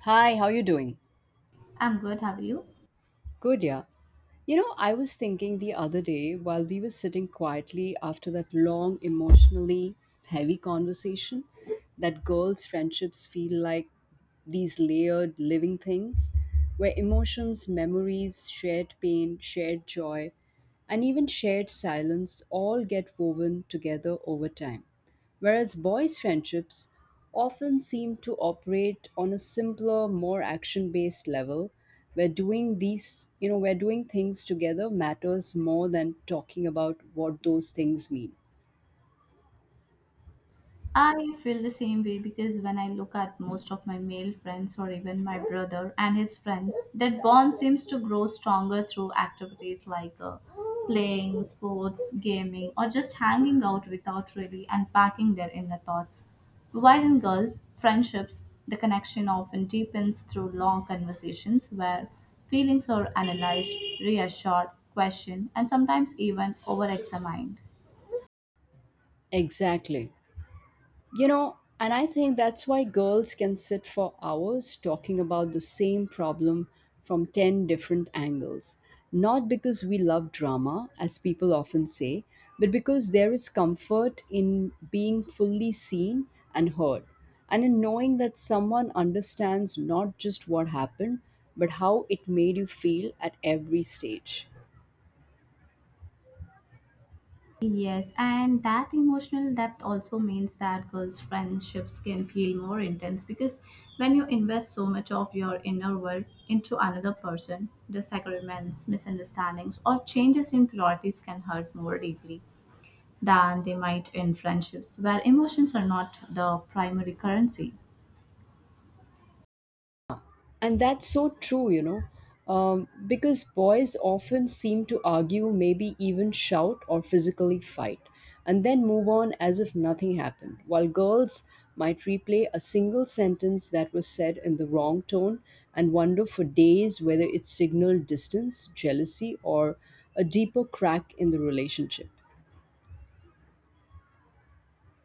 Hi, how you doing? I'm good, how are you? Good, yeah. I was thinking the other day while we were sitting quietly after that long, emotionally heavy conversation that girls' friendships feel like these layered living things where emotions, memories, shared pain, shared joy, and even shared silence all get woven together over time whereas boys' friendships often seem to operate on a simpler, more action based level where doing these, where doing things together matters more than talking about what those things mean. I feel the same way because when I look at most of my male friends or even my brother and his friends, that bond seems to grow stronger through activities like playing, sports, gaming, or just hanging out without really unpacking their inner thoughts. While in girls, friendships, the connection often deepens through long conversations where feelings are analyzed, reassured, questioned, and sometimes even over examined. Exactly. And I think that's why girls can sit for hours talking about the same problem from 10 different angles. Not because we love drama, as people often say, but because there is comfort in being fully seen and heard, and in knowing that someone understands not just what happened, but how it made you feel at every stage. Yes, and that emotional depth also means that girls' friendships can feel more intense because when you invest so much of your inner world into another person, disagreements, misunderstandings, or changes in priorities can hurt more deeply than they might in friendships where emotions are not the primary currency. And that's so true, because boys often seem to argue, maybe even shout or physically fight, and then move on as if nothing happened, while girls might replay a single sentence that was said in the wrong tone and wonder for days whether it signaled distance, jealousy, or a deeper crack in the relationship.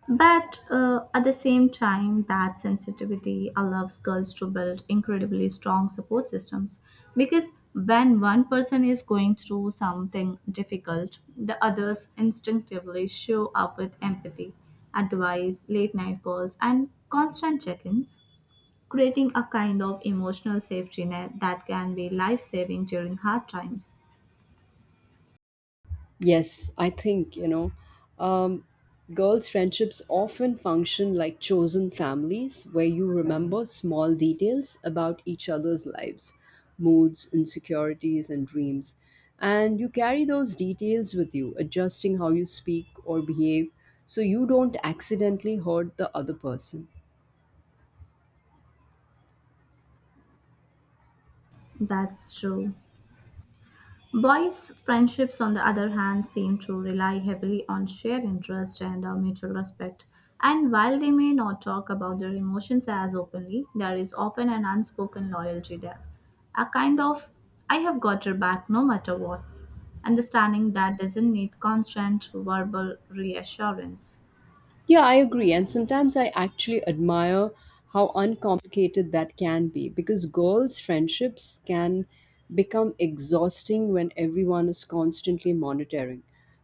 But at the same time, that sensitivity allows girls to build incredibly strong support systems because when one person is going through something difficult, the others instinctively show up with empathy, advice, late night calls, and constant check ins, creating a kind of emotional safety net that can be life saving during hard times. Yes, I think, um, girls' friendships often function like chosen families where you remember small details about each other's lives, moods, insecurities, and dreams. And you carry those details with you, adjusting how you speak or behave so you don't accidentally hurt the other person. That's true. Boys' friendships, on the other hand, seem to rely heavily on shared interest and mutual respect. And while they may not talk about their emotions as openly, there is often an unspoken loyalty there. A kind of, I have got your back no matter what. Understanding that doesn't need constant verbal reassurance. Yeah, I agree. And sometimes I actually admire how uncomplicated that can be because girls' friendships can become exhausting when everyone is constantly monitoring,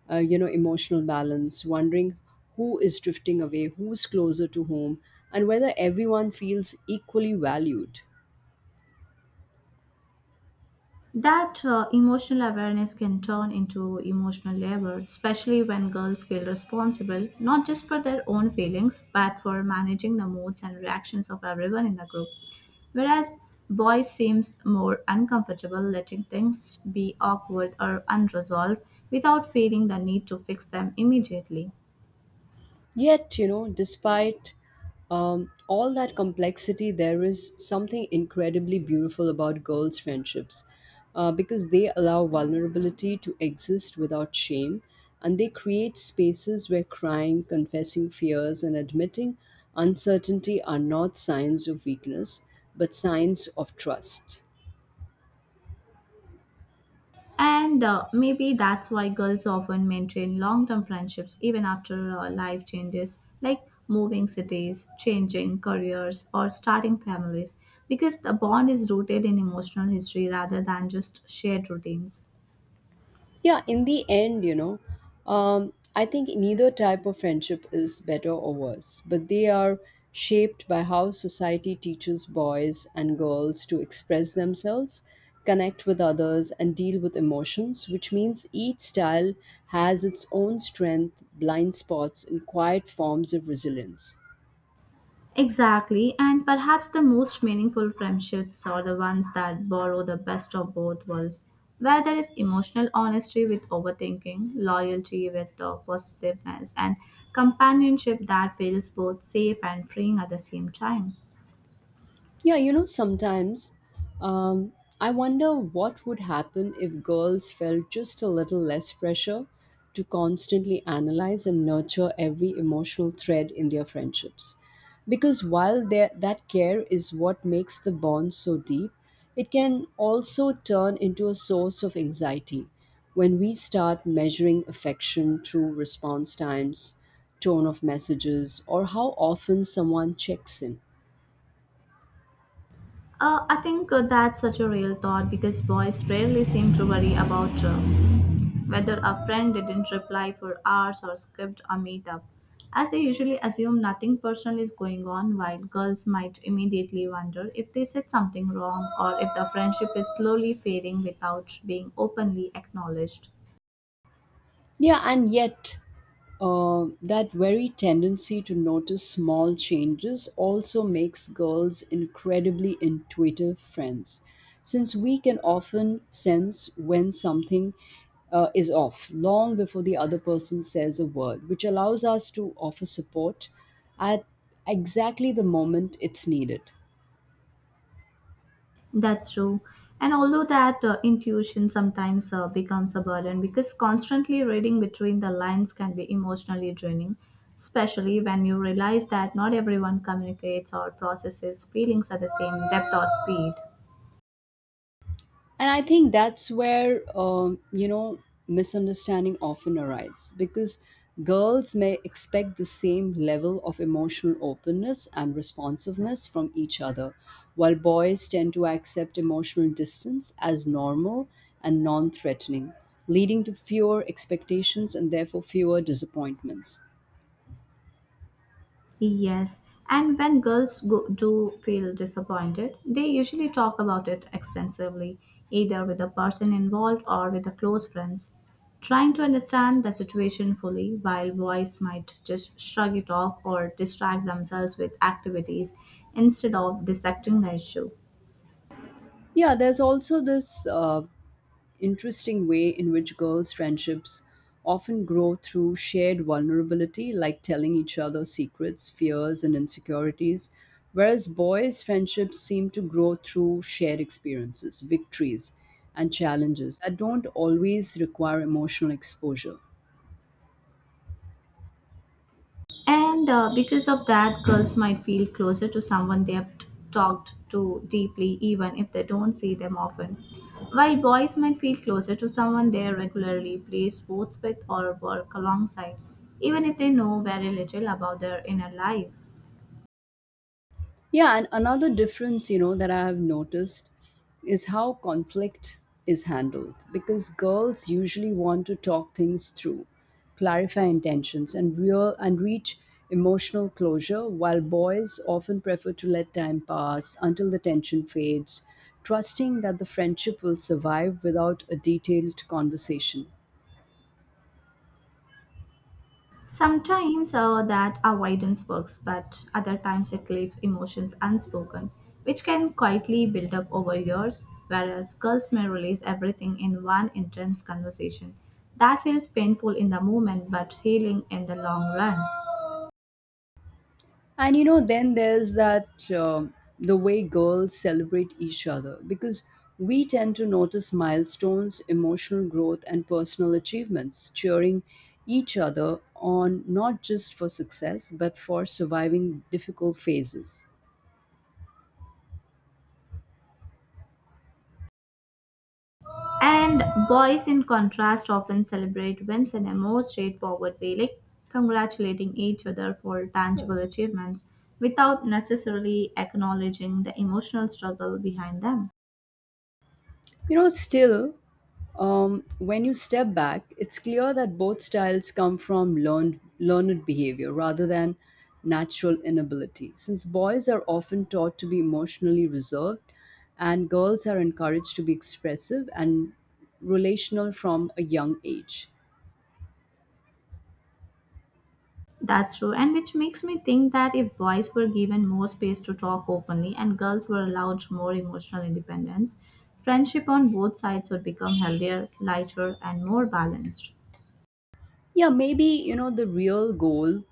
emotional balance, wondering who is drifting away, who's closer to home, and whether everyone feels equally valued. That emotional awareness can turn into emotional labor, especially when girls feel responsible not just for their own feelings but for managing the moods and reactions of everyone in the group. Whereas boys seems more uncomfortable letting things be awkward or unresolved without feeling the need to fix them immediately. Yet, despite all that complexity, there is something incredibly beautiful about girls' friendships because they allow vulnerability to exist without shame, and they create spaces where crying, confessing fears, and admitting uncertainty are not signs of weakness but signs of trust. And maybe that's why girls often maintain long term friendships even after life changes, like moving cities, changing careers, or starting families, because the bond is rooted in emotional history rather than just shared routines. Yeah, in the end, I think neither type of friendship is better or worse, but they are shaped by how society teaches boys and girls to express themselves, connect with others, and deal with emotions, which means each style has its own strength, blind spots, and quiet forms of resilience. Exactly, and perhaps the most meaningful friendships are the ones that borrow the best of both worlds, where there is emotional honesty with overthinking, loyalty with possessiveness, and companionship that feels both safe and freeing at the same time. Yeah, sometimes um, I wonder what would happen if girls felt just a little less pressure to constantly analyze and nurture every emotional thread in their friendships. Because while that care is what makes the bond so deep, it can also turn into a source of anxiety when we start measuring affection through response times, tone of messages, or how often someone checks in. I think that's such a real thought because boys rarely seem to worry about whether a friend didn't reply for hours or skipped a meetup, as they usually assume nothing personal is going on, while girls might immediately wonder if they said something wrong or if the friendship is slowly fading without being openly acknowledged. Yeah, and yet, that very tendency to notice small changes also makes girls incredibly intuitive friends, since we can often sense when something is off long before the other person says a word, which allows us to offer support at exactly the moment it's needed. That's true. And although that intuition sometimes becomes a burden because constantly reading between the lines can be emotionally draining, especially when you realize that not everyone communicates or processes feelings at the same depth or speed. And I think that's where misunderstanding often arise, because girls may expect the same level of emotional openness and responsiveness from each other, while boys tend to accept emotional distance as normal and non-threatening, leading to fewer expectations and therefore fewer disappointments. Yes, and when girls go, do feel disappointed, they usually talk about it extensively, either with the person involved or with the close friends, trying to understand the situation fully, while boys might just shrug it off or distract themselves with activities instead of dissecting the issue. Yeah, there's also this interesting way in which girls' friendships often grow through shared vulnerability, like telling each other secrets, fears, and insecurities, whereas boys' friendships seem to grow through shared experiences, victories, and challenges that don't always require emotional exposure. And because of that, girls might feel closer to someone they have talked to deeply, even if they don't see them often. While boys might feel closer to someone they regularly play sports with or work alongside, even if they know very little about their inner life. Yeah, and another difference, that I have noticed is how conflict is handled, because girls usually want to talk things through, clarify intentions and real and reach emotional closure, while boys often prefer to let time pass until the tension fades, trusting that the friendship will survive without a detailed conversation. Sometimes that avoidance works, but other times it leaves emotions unspoken, which can quietly build up over years, whereas girls may release everything in one intense conversation. That feels painful in the moment but healing in the long run. And, then there's that the way girls celebrate each other, because we tend to notice milestones, emotional growth, and personal achievements, cheering each other on not just for success but for surviving difficult phases. And boys, in contrast, often celebrate wins in a more straightforward way, like congratulating each other for tangible achievements without necessarily acknowledging the emotional struggle behind them. Still, when you step back, it's clear that both styles come from learned behavior rather than natural inability, since boys are often taught to be emotionally reserved and girls are encouraged to be expressive and relational from a young age. That's true, and which makes me think that if boys were given more space to talk openly and girls were allowed more emotional independence, friendship on both sides would become healthier, lighter, and more balanced. Yeah, maybe, the real goal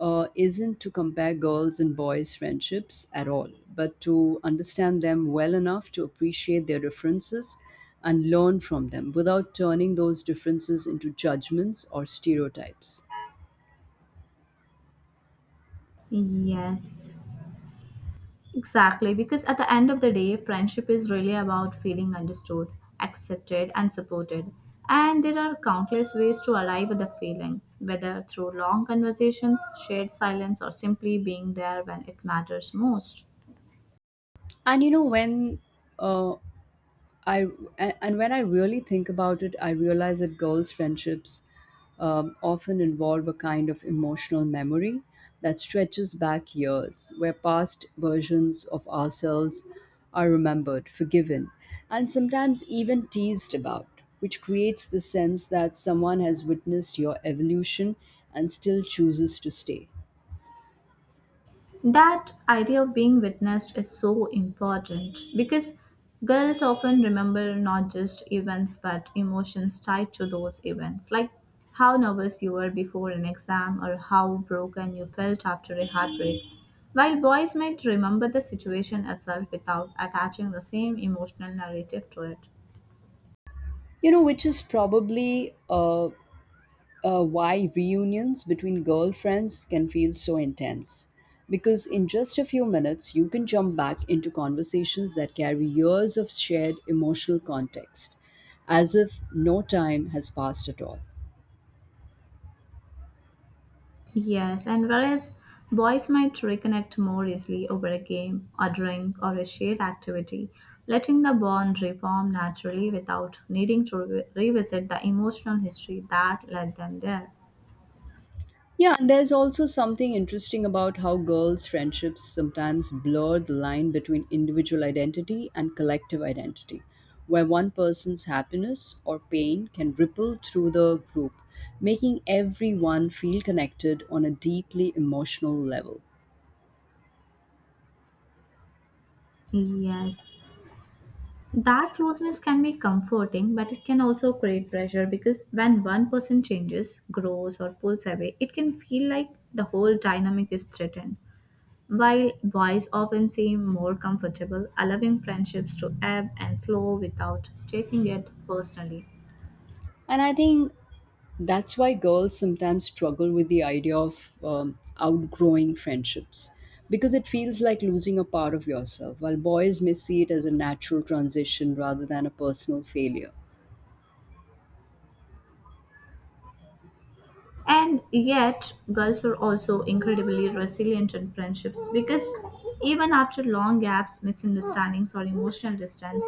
isn't to compare girls' and boys' friendships at all, but to understand them well enough to appreciate their differences and learn from them without turning those differences into judgments or stereotypes. Yes, exactly. Because at the end of the day, friendship is really about feeling understood, accepted, and supported. And there are countless ways to arrive at the feeling, whether through long conversations, shared silence, or simply being there when it matters most. And, when uh, I a- and when I really think about it, I realize that girls' friendships often involve a kind of emotional memory that stretches back years, where past versions of ourselves are remembered, forgiven, and sometimes even teased about, which creates the sense that someone has witnessed your evolution and still chooses to stay. That idea of being witnessed is so important because girls often remember not just events but emotions tied to those events, like how nervous you were before an exam or how broken you felt after a heartbreak. While boys might remember the situation itself without attaching the same emotional narrative to it. Which is probably why reunions between girlfriends can feel so intense. Because in just a few minutes, you can jump back into conversations that carry years of shared emotional context, as if no time has passed at all. Yes, and whereas boys might reconnect more easily over a game, a drink, or a shared activity, letting the bond reform naturally without needing to revisit the emotional history that led them there. Yeah, and there's also something interesting about how girls' friendships sometimes blur the line between individual identity and collective identity, where one person's happiness or pain can ripple through the group, making everyone feel connected on a deeply emotional level. Yes. That closeness can be comforting, but it can also create pressure because when one person changes, grows, or pulls away, it can feel like the whole dynamic is threatened. While boys often seem more comfortable allowing friendships to ebb and flow without taking it personally. And I think that's why girls sometimes struggle with the idea of outgrowing friendships, because it feels like losing a part of yourself, while boys may see it as a natural transition rather than a personal failure. And yet, girls are also incredibly resilient in friendships because even after long gaps, misunderstandings, or emotional distance,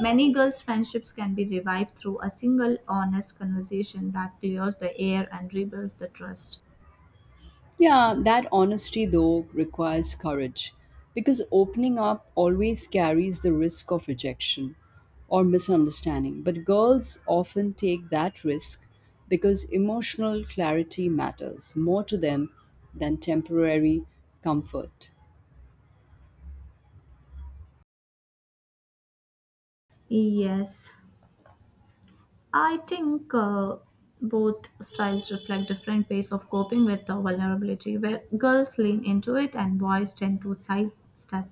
many girls' friendships can be revived through a single honest conversation that clears the air and rebuilds the trust. Yeah, that honesty though requires courage, because opening up always carries the risk of rejection or misunderstanding. But girls often take that risk because emotional clarity matters more to them than temporary comfort. Yes, I think both styles reflect different ways of coping with the vulnerability, where girls lean into it and boys tend to sidestep.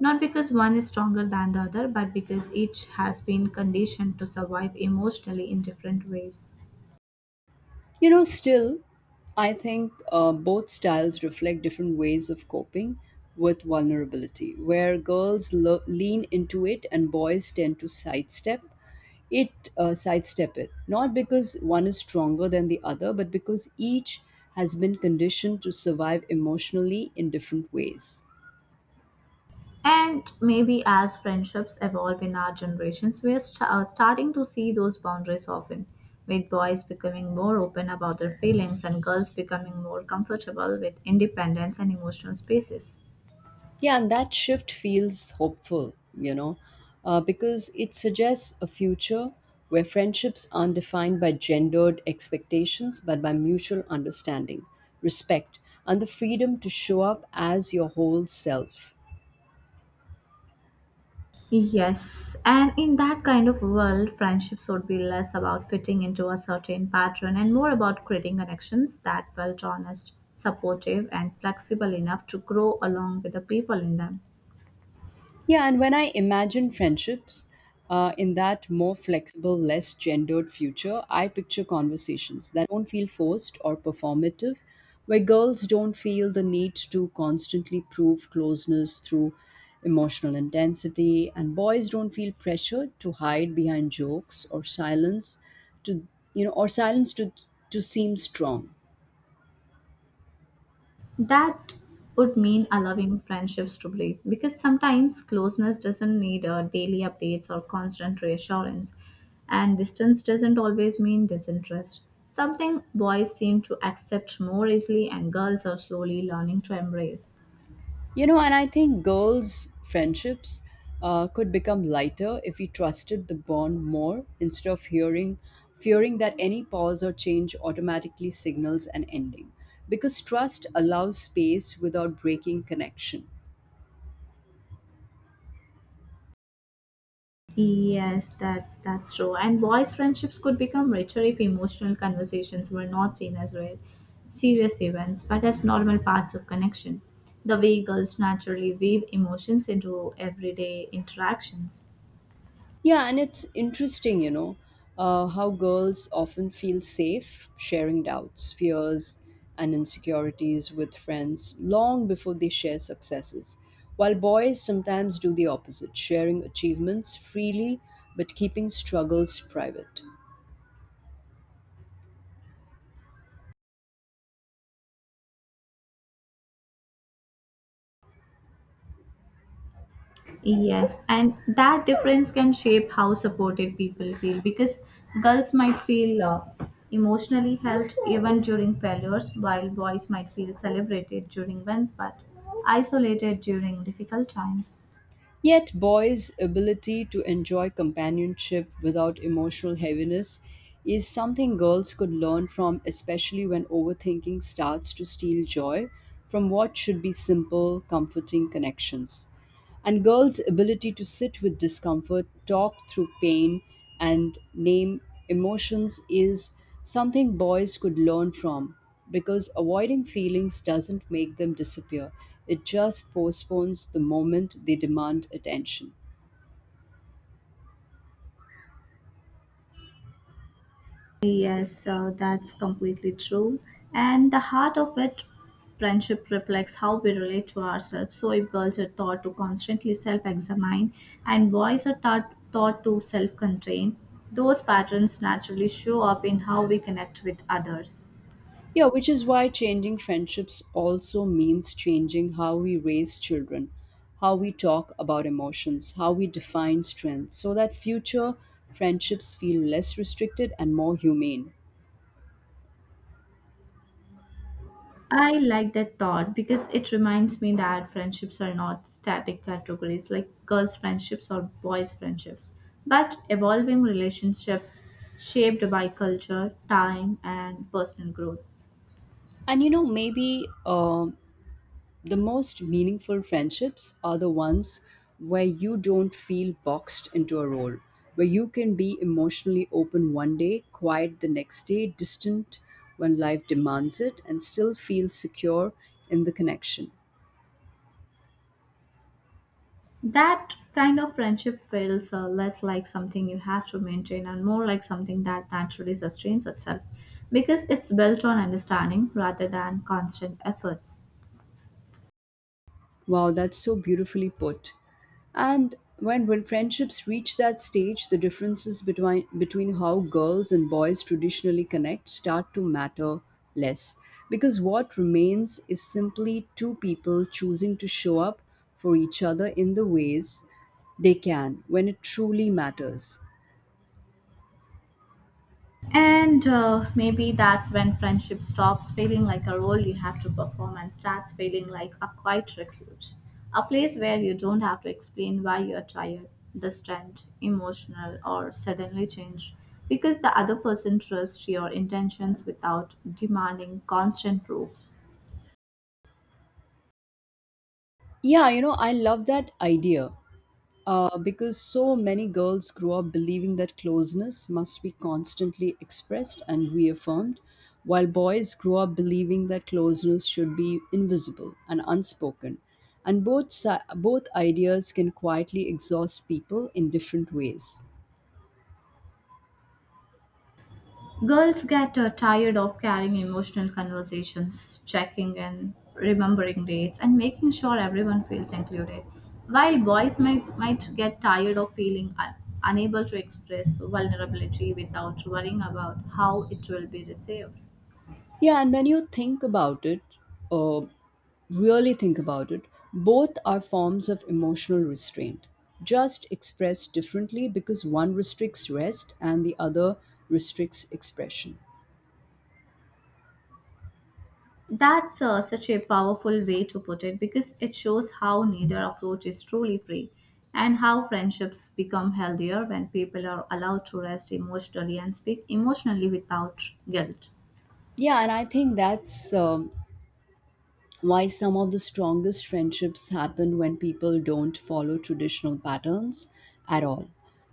Not because one is stronger than the other, but because each has been conditioned to survive emotionally in different ways. Still, I think both styles reflect different ways of coping with vulnerability, where girls lean into it and boys tend to sidestep it. Not because one is stronger than the other, but because each has been conditioned to survive emotionally in different ways. And maybe as friendships evolve in our generations, we are starting to see those boundaries often, with boys becoming more open about their feelings and girls becoming more comfortable with independence and emotional spaces. Yeah, and that shift feels hopeful, you know, because it suggests a future where friendships aren't defined by gendered expectations, but by mutual understanding, respect, and the freedom to show up as your whole self. Yes, and in that kind of world, friendship would be less about fitting into a certain pattern and more about creating connections that felt honest, supportive, and flexible enough to grow along with the people in them. Yeah, and when I imagine friendships in that more flexible, less gendered future, I picture conversations that don't feel forced or performative, where girls don't feel the need to constantly prove closeness through emotional intensity, and boys don't feel pressured to hide behind jokes or silence to you know or silence to to seem strong. That would mean allowing friendships to breathe because sometimes closeness doesn't need daily updates or constant reassurance, and distance doesn't always mean disinterest. Something boys seem to accept more easily, and girls are slowly learning to embrace. And I think girls' friendships could become lighter if we trusted the bond more instead of fearing that any pause or change automatically signals an ending. Because trust allows space without breaking connection. Yes, that's true. And boys' friendships could become richer if emotional conversations were not seen as rare, serious events, but as normal parts of connection. The way girls naturally weave emotions into everyday interactions. Yeah, and it's interesting, how girls often feel safe sharing doubts, fears, and insecurities with friends long before they share successes, while boys sometimes do the opposite, sharing achievements freely but keeping struggles private. Yes, and that difference can shape how supported people feel because girls might feel emotionally helped even during failures, while boys might feel celebrated during wins but isolated during difficult times. Yet, boys' ability to enjoy companionship without emotional heaviness is something girls could learn from, especially when overthinking starts to steal joy from what should be simple, comforting connections. And girls' ability to sit with discomfort, talk through pain, and name emotions is something boys could learn from, because avoiding feelings doesn't make them disappear, it just postpones the moment they demand attention. Yes, that's completely true. And the heart of it, friendship reflects how we relate to ourselves. So, if girls are taught to constantly self examine and boys are taught to self contain, those patterns naturally show up in how we connect with others. Yeah, which is why changing friendships also means changing how we raise children, how we talk about emotions, how we define strength, so that future friendships feel less restricted and more humane. I like that thought because it reminds me that friendships are not static categories like girls' friendships or boys' friendships, but evolving relationships shaped by culture, time, and personal growth. And, maybe the most meaningful friendships are the ones where you don't feel boxed into a role, where you can be emotionally open one day, quiet the next day, distant when life demands it, and still feel secure in the connection. That kind of friendship feels less like something you have to maintain and more like something that naturally sustains itself because it's built on understanding rather than constant efforts. Wow, that's so beautifully put. And when friendships reach that stage, the differences between how girls and boys traditionally connect start to matter less, because what remains is simply two people choosing to show up for each other in the ways they can when it truly matters. And maybe that's when friendship stops feeling like a role you have to perform and starts feeling like a quiet refuge. A place where you don't have to explain why you're tired, distant, emotional, or suddenly changed. Because the other person trusts your intentions without demanding constant proofs. Yeah, I love that idea. Because so many girls grew up believing that closeness must be constantly expressed and reaffirmed, while boys grew up believing that closeness should be invisible and unspoken. And both, both ideas can quietly exhaust people in different ways. Girls get tired of carrying emotional conversations, checking in, remembering dates, and making sure everyone feels included. While boys may, might get tired of feeling unable to express vulnerability without worrying about how it will be received. Yeah, and when you think about it, uh, really think about it, both are forms of emotional restraint, just expressed differently because one restricts rest and the other restricts expression. That's such a powerful way to put it because it shows how neither approach is truly free and how friendships become healthier when people are allowed to rest emotionally and speak emotionally without guilt. Yeah, and I think that's why some of the strongest friendships happen when people don't follow traditional patterns at all.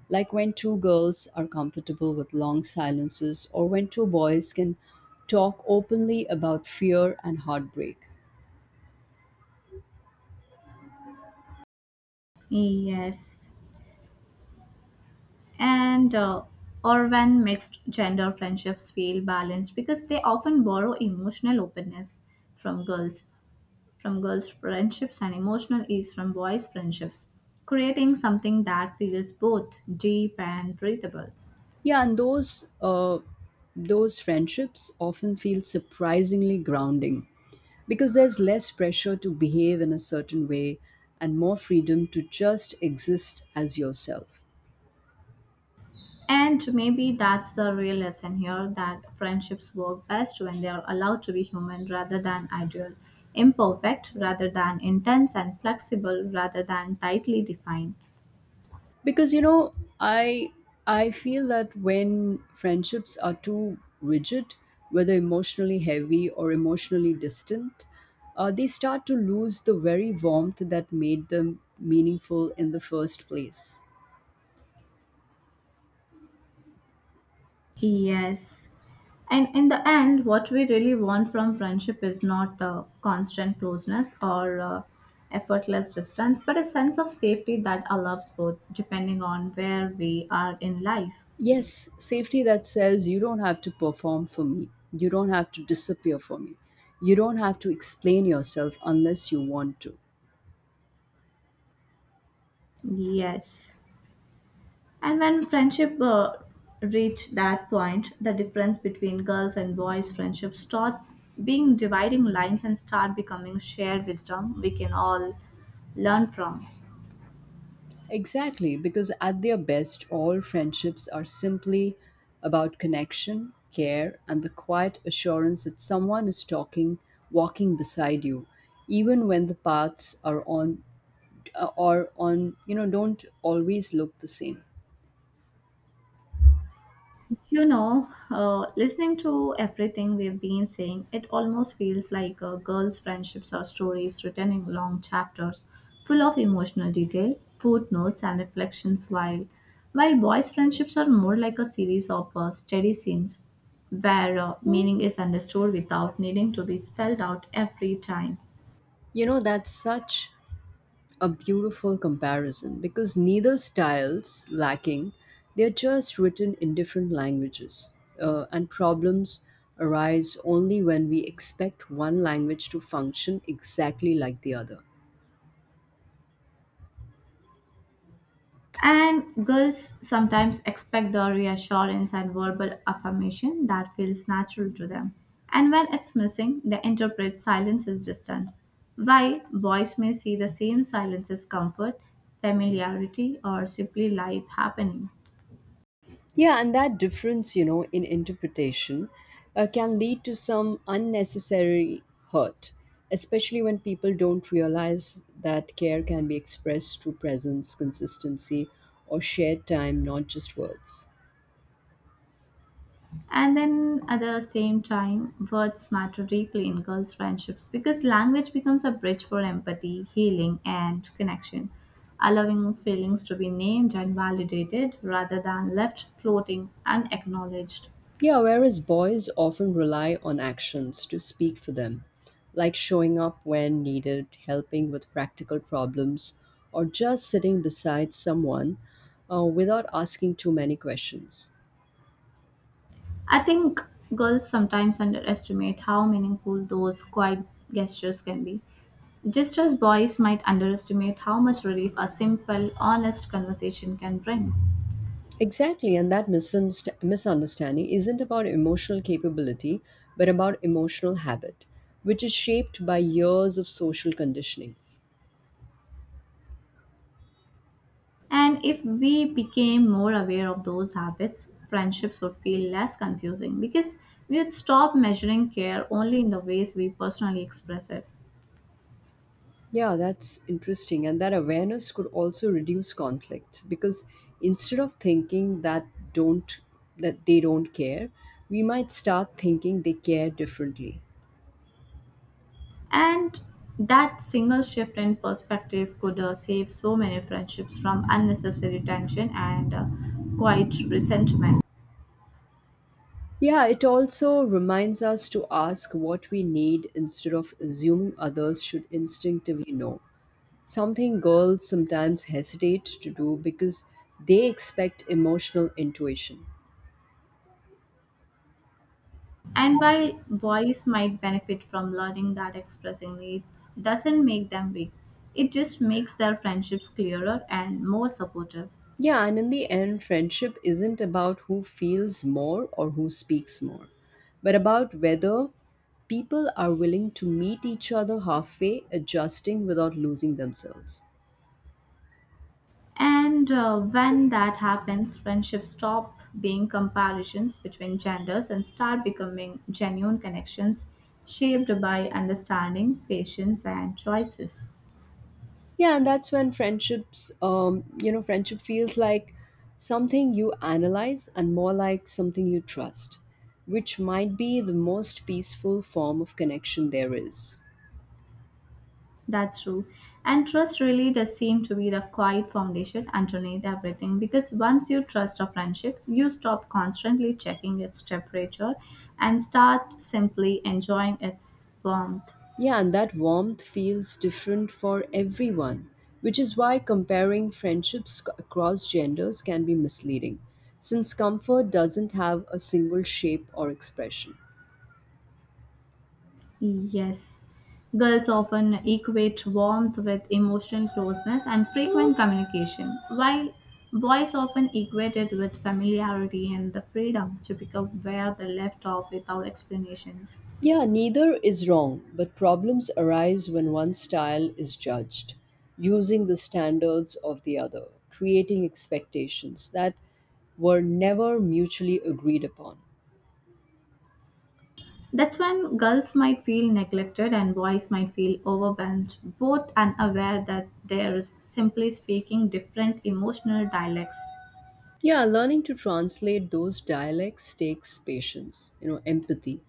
Like when two girls are comfortable with long silences, or when two boys can talk openly about fear and heartbreak. Yes. And or when mixed gender friendships feel balanced because they often borrow emotional openness from girls, from girls' friendships and emotional ease from boys' friendships, creating something that feels both deep and breathable. Yeah, and those friendships often feel surprisingly grounding because there's less pressure to behave in a certain way and more freedom to just exist as yourself. And maybe that's the real lesson here that friendships work best when they are allowed to be human rather than ideal, imperfect rather than intense, and flexible rather than tightly defined. Because I feel that when friendships are too rigid, whether emotionally heavy or emotionally distant, they start to lose the very warmth that made them meaningful in the first place. Yes. And in the end, what we really want from friendship is not constant closeness or effortless distance, but a sense of safety that allows both, depending on where we are in life. Yes, safety that says you don't have to perform for me, you don't have to disappear for me, you don't have to explain yourself unless you want to. Yes. And when friendship reached that point, the difference between girls and boys friendship start being dividing lines and start becoming shared wisdom we can all learn from. Exactly, because at their best, all friendships are simply about connection, care, and the quiet assurance that someone is talking, walking beside you, even when the paths are on, don't always look the same. Listening to everything we've been saying, it almost feels like girls' friendships are stories written in long chapters, full of emotional detail, footnotes, and reflections. While boys' friendships are more like a series of steady scenes, where meaning is understood without needing to be spelled out every time. You know, that's such a beautiful comparison, because neither style's lacking, they're just written in different languages. And problems arise only when we expect one language to function exactly like the other. And girls sometimes expect the reassurance and verbal affirmation that feels natural to them. And when it's missing, they interpret silence as distance. While boys may see the same silence as comfort, familiarity, or simply life happening. Yeah, and that difference, in interpretation, can lead to some unnecessary hurt, especially when people don't realize that care can be expressed through presence, consistency, or shared time, not just words. And then at the same time, words matter deeply in girls' friendships because language becomes a bridge for empathy, healing, and connection, allowing feelings to be named and validated rather than left floating unacknowledged. Yeah, whereas boys often rely on actions to speak for them, like showing up when needed, helping with practical problems, or just sitting beside someone without asking too many questions. I think girls sometimes underestimate how meaningful those quiet gestures can be. Just as boys might underestimate how much relief a simple, honest conversation can bring. Exactly, and that misunderstanding isn't about emotional capability, but about emotional habit, which is shaped by years of social conditioning. And if we became more aware of those habits, friendships would feel less confusing because we would stop measuring care only in the ways we personally express it. Yeah, that's interesting. And that awareness could also reduce conflict, because instead of thinking that don't that they don't care, we might start thinking they care differently. And that single shift in perspective could save so many friendships from unnecessary tension and quiet resentment. Yeah, it also reminds us to ask what we need instead of assuming others should instinctively know. Something girls sometimes hesitate to do because they expect emotional intuition. And while boys might benefit from learning that expressing needs doesn't make them weak, it just makes their friendships clearer and more supportive. Yeah, and in the end, friendship isn't about who feels more or who speaks more, but about whether people are willing to meet each other halfway, adjusting without losing themselves. And when that happens, friendships stop being comparisons between genders and start becoming genuine connections shaped by understanding, patience, and choices. Yeah, and that's when friendships, friendship feels like something you analyze and more like something you trust, which might be the most peaceful form of connection there is. That's true. And trust really does seem to be the quiet foundation underneath everything because once you trust a friendship, you stop constantly checking its temperature and start simply enjoying its warmth. Yeah, and that warmth feels different for everyone, which is why comparing friendships across genders can be misleading, since comfort doesn't have a single shape or expression. Yes. Girls often equate warmth with emotional closeness and frequent communication, while boys often equate it with familiarity and the freedom to pick up where they left off without explanations. Yeah, neither is wrong, but problems arise when one style is judged using the standards of the other, creating expectations that were never mutually agreed upon. That's when girls might feel neglected and boys might feel overwhelmed, both unaware that they are simply speaking different emotional dialects. Yeah, learning to translate those dialects takes patience, you know, empathy,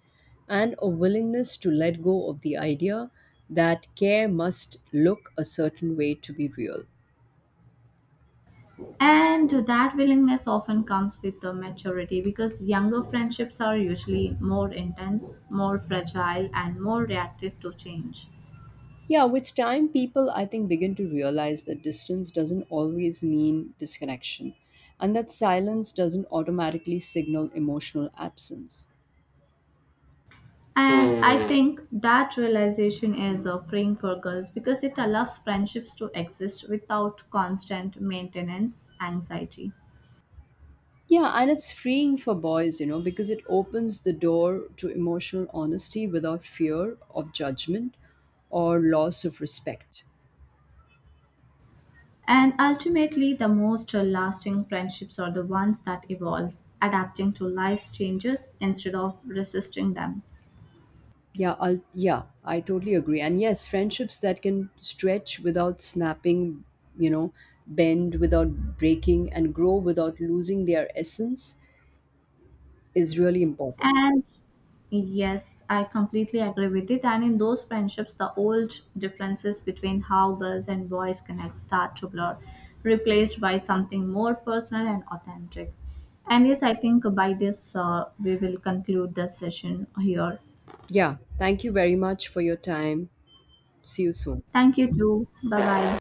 and a willingness to let go of the idea that care must look a certain way to be real. And that willingness often comes with the maturity because younger friendships are usually more intense, more fragile, and more reactive to change. Yeah, with time, people, I think, begin to realize that distance doesn't always mean disconnection, and that silence doesn't automatically signal emotional absence. And I think that realization is freeing for girls because it allows friendships to exist without constant maintenance anxiety. Yeah, and it's freeing for boys, you know, because it opens the door to emotional honesty without fear of judgment or loss of respect. And ultimately, the most lasting friendships are the ones that evolve, adapting to life's changes instead of resisting them. Yeah, I totally agree. And yes, friendships that can stretch without snapping, you know, bend without breaking, and grow without losing their essence is really important. And yes, I completely agree with it. And in those friendships, the old differences between how girls and boys connect start to blur, replaced by something more personal and authentic. And yes, I think by this, we will conclude the session here. Yeah, thank you very much for your time. See you soon. Thank you, too. Bye bye.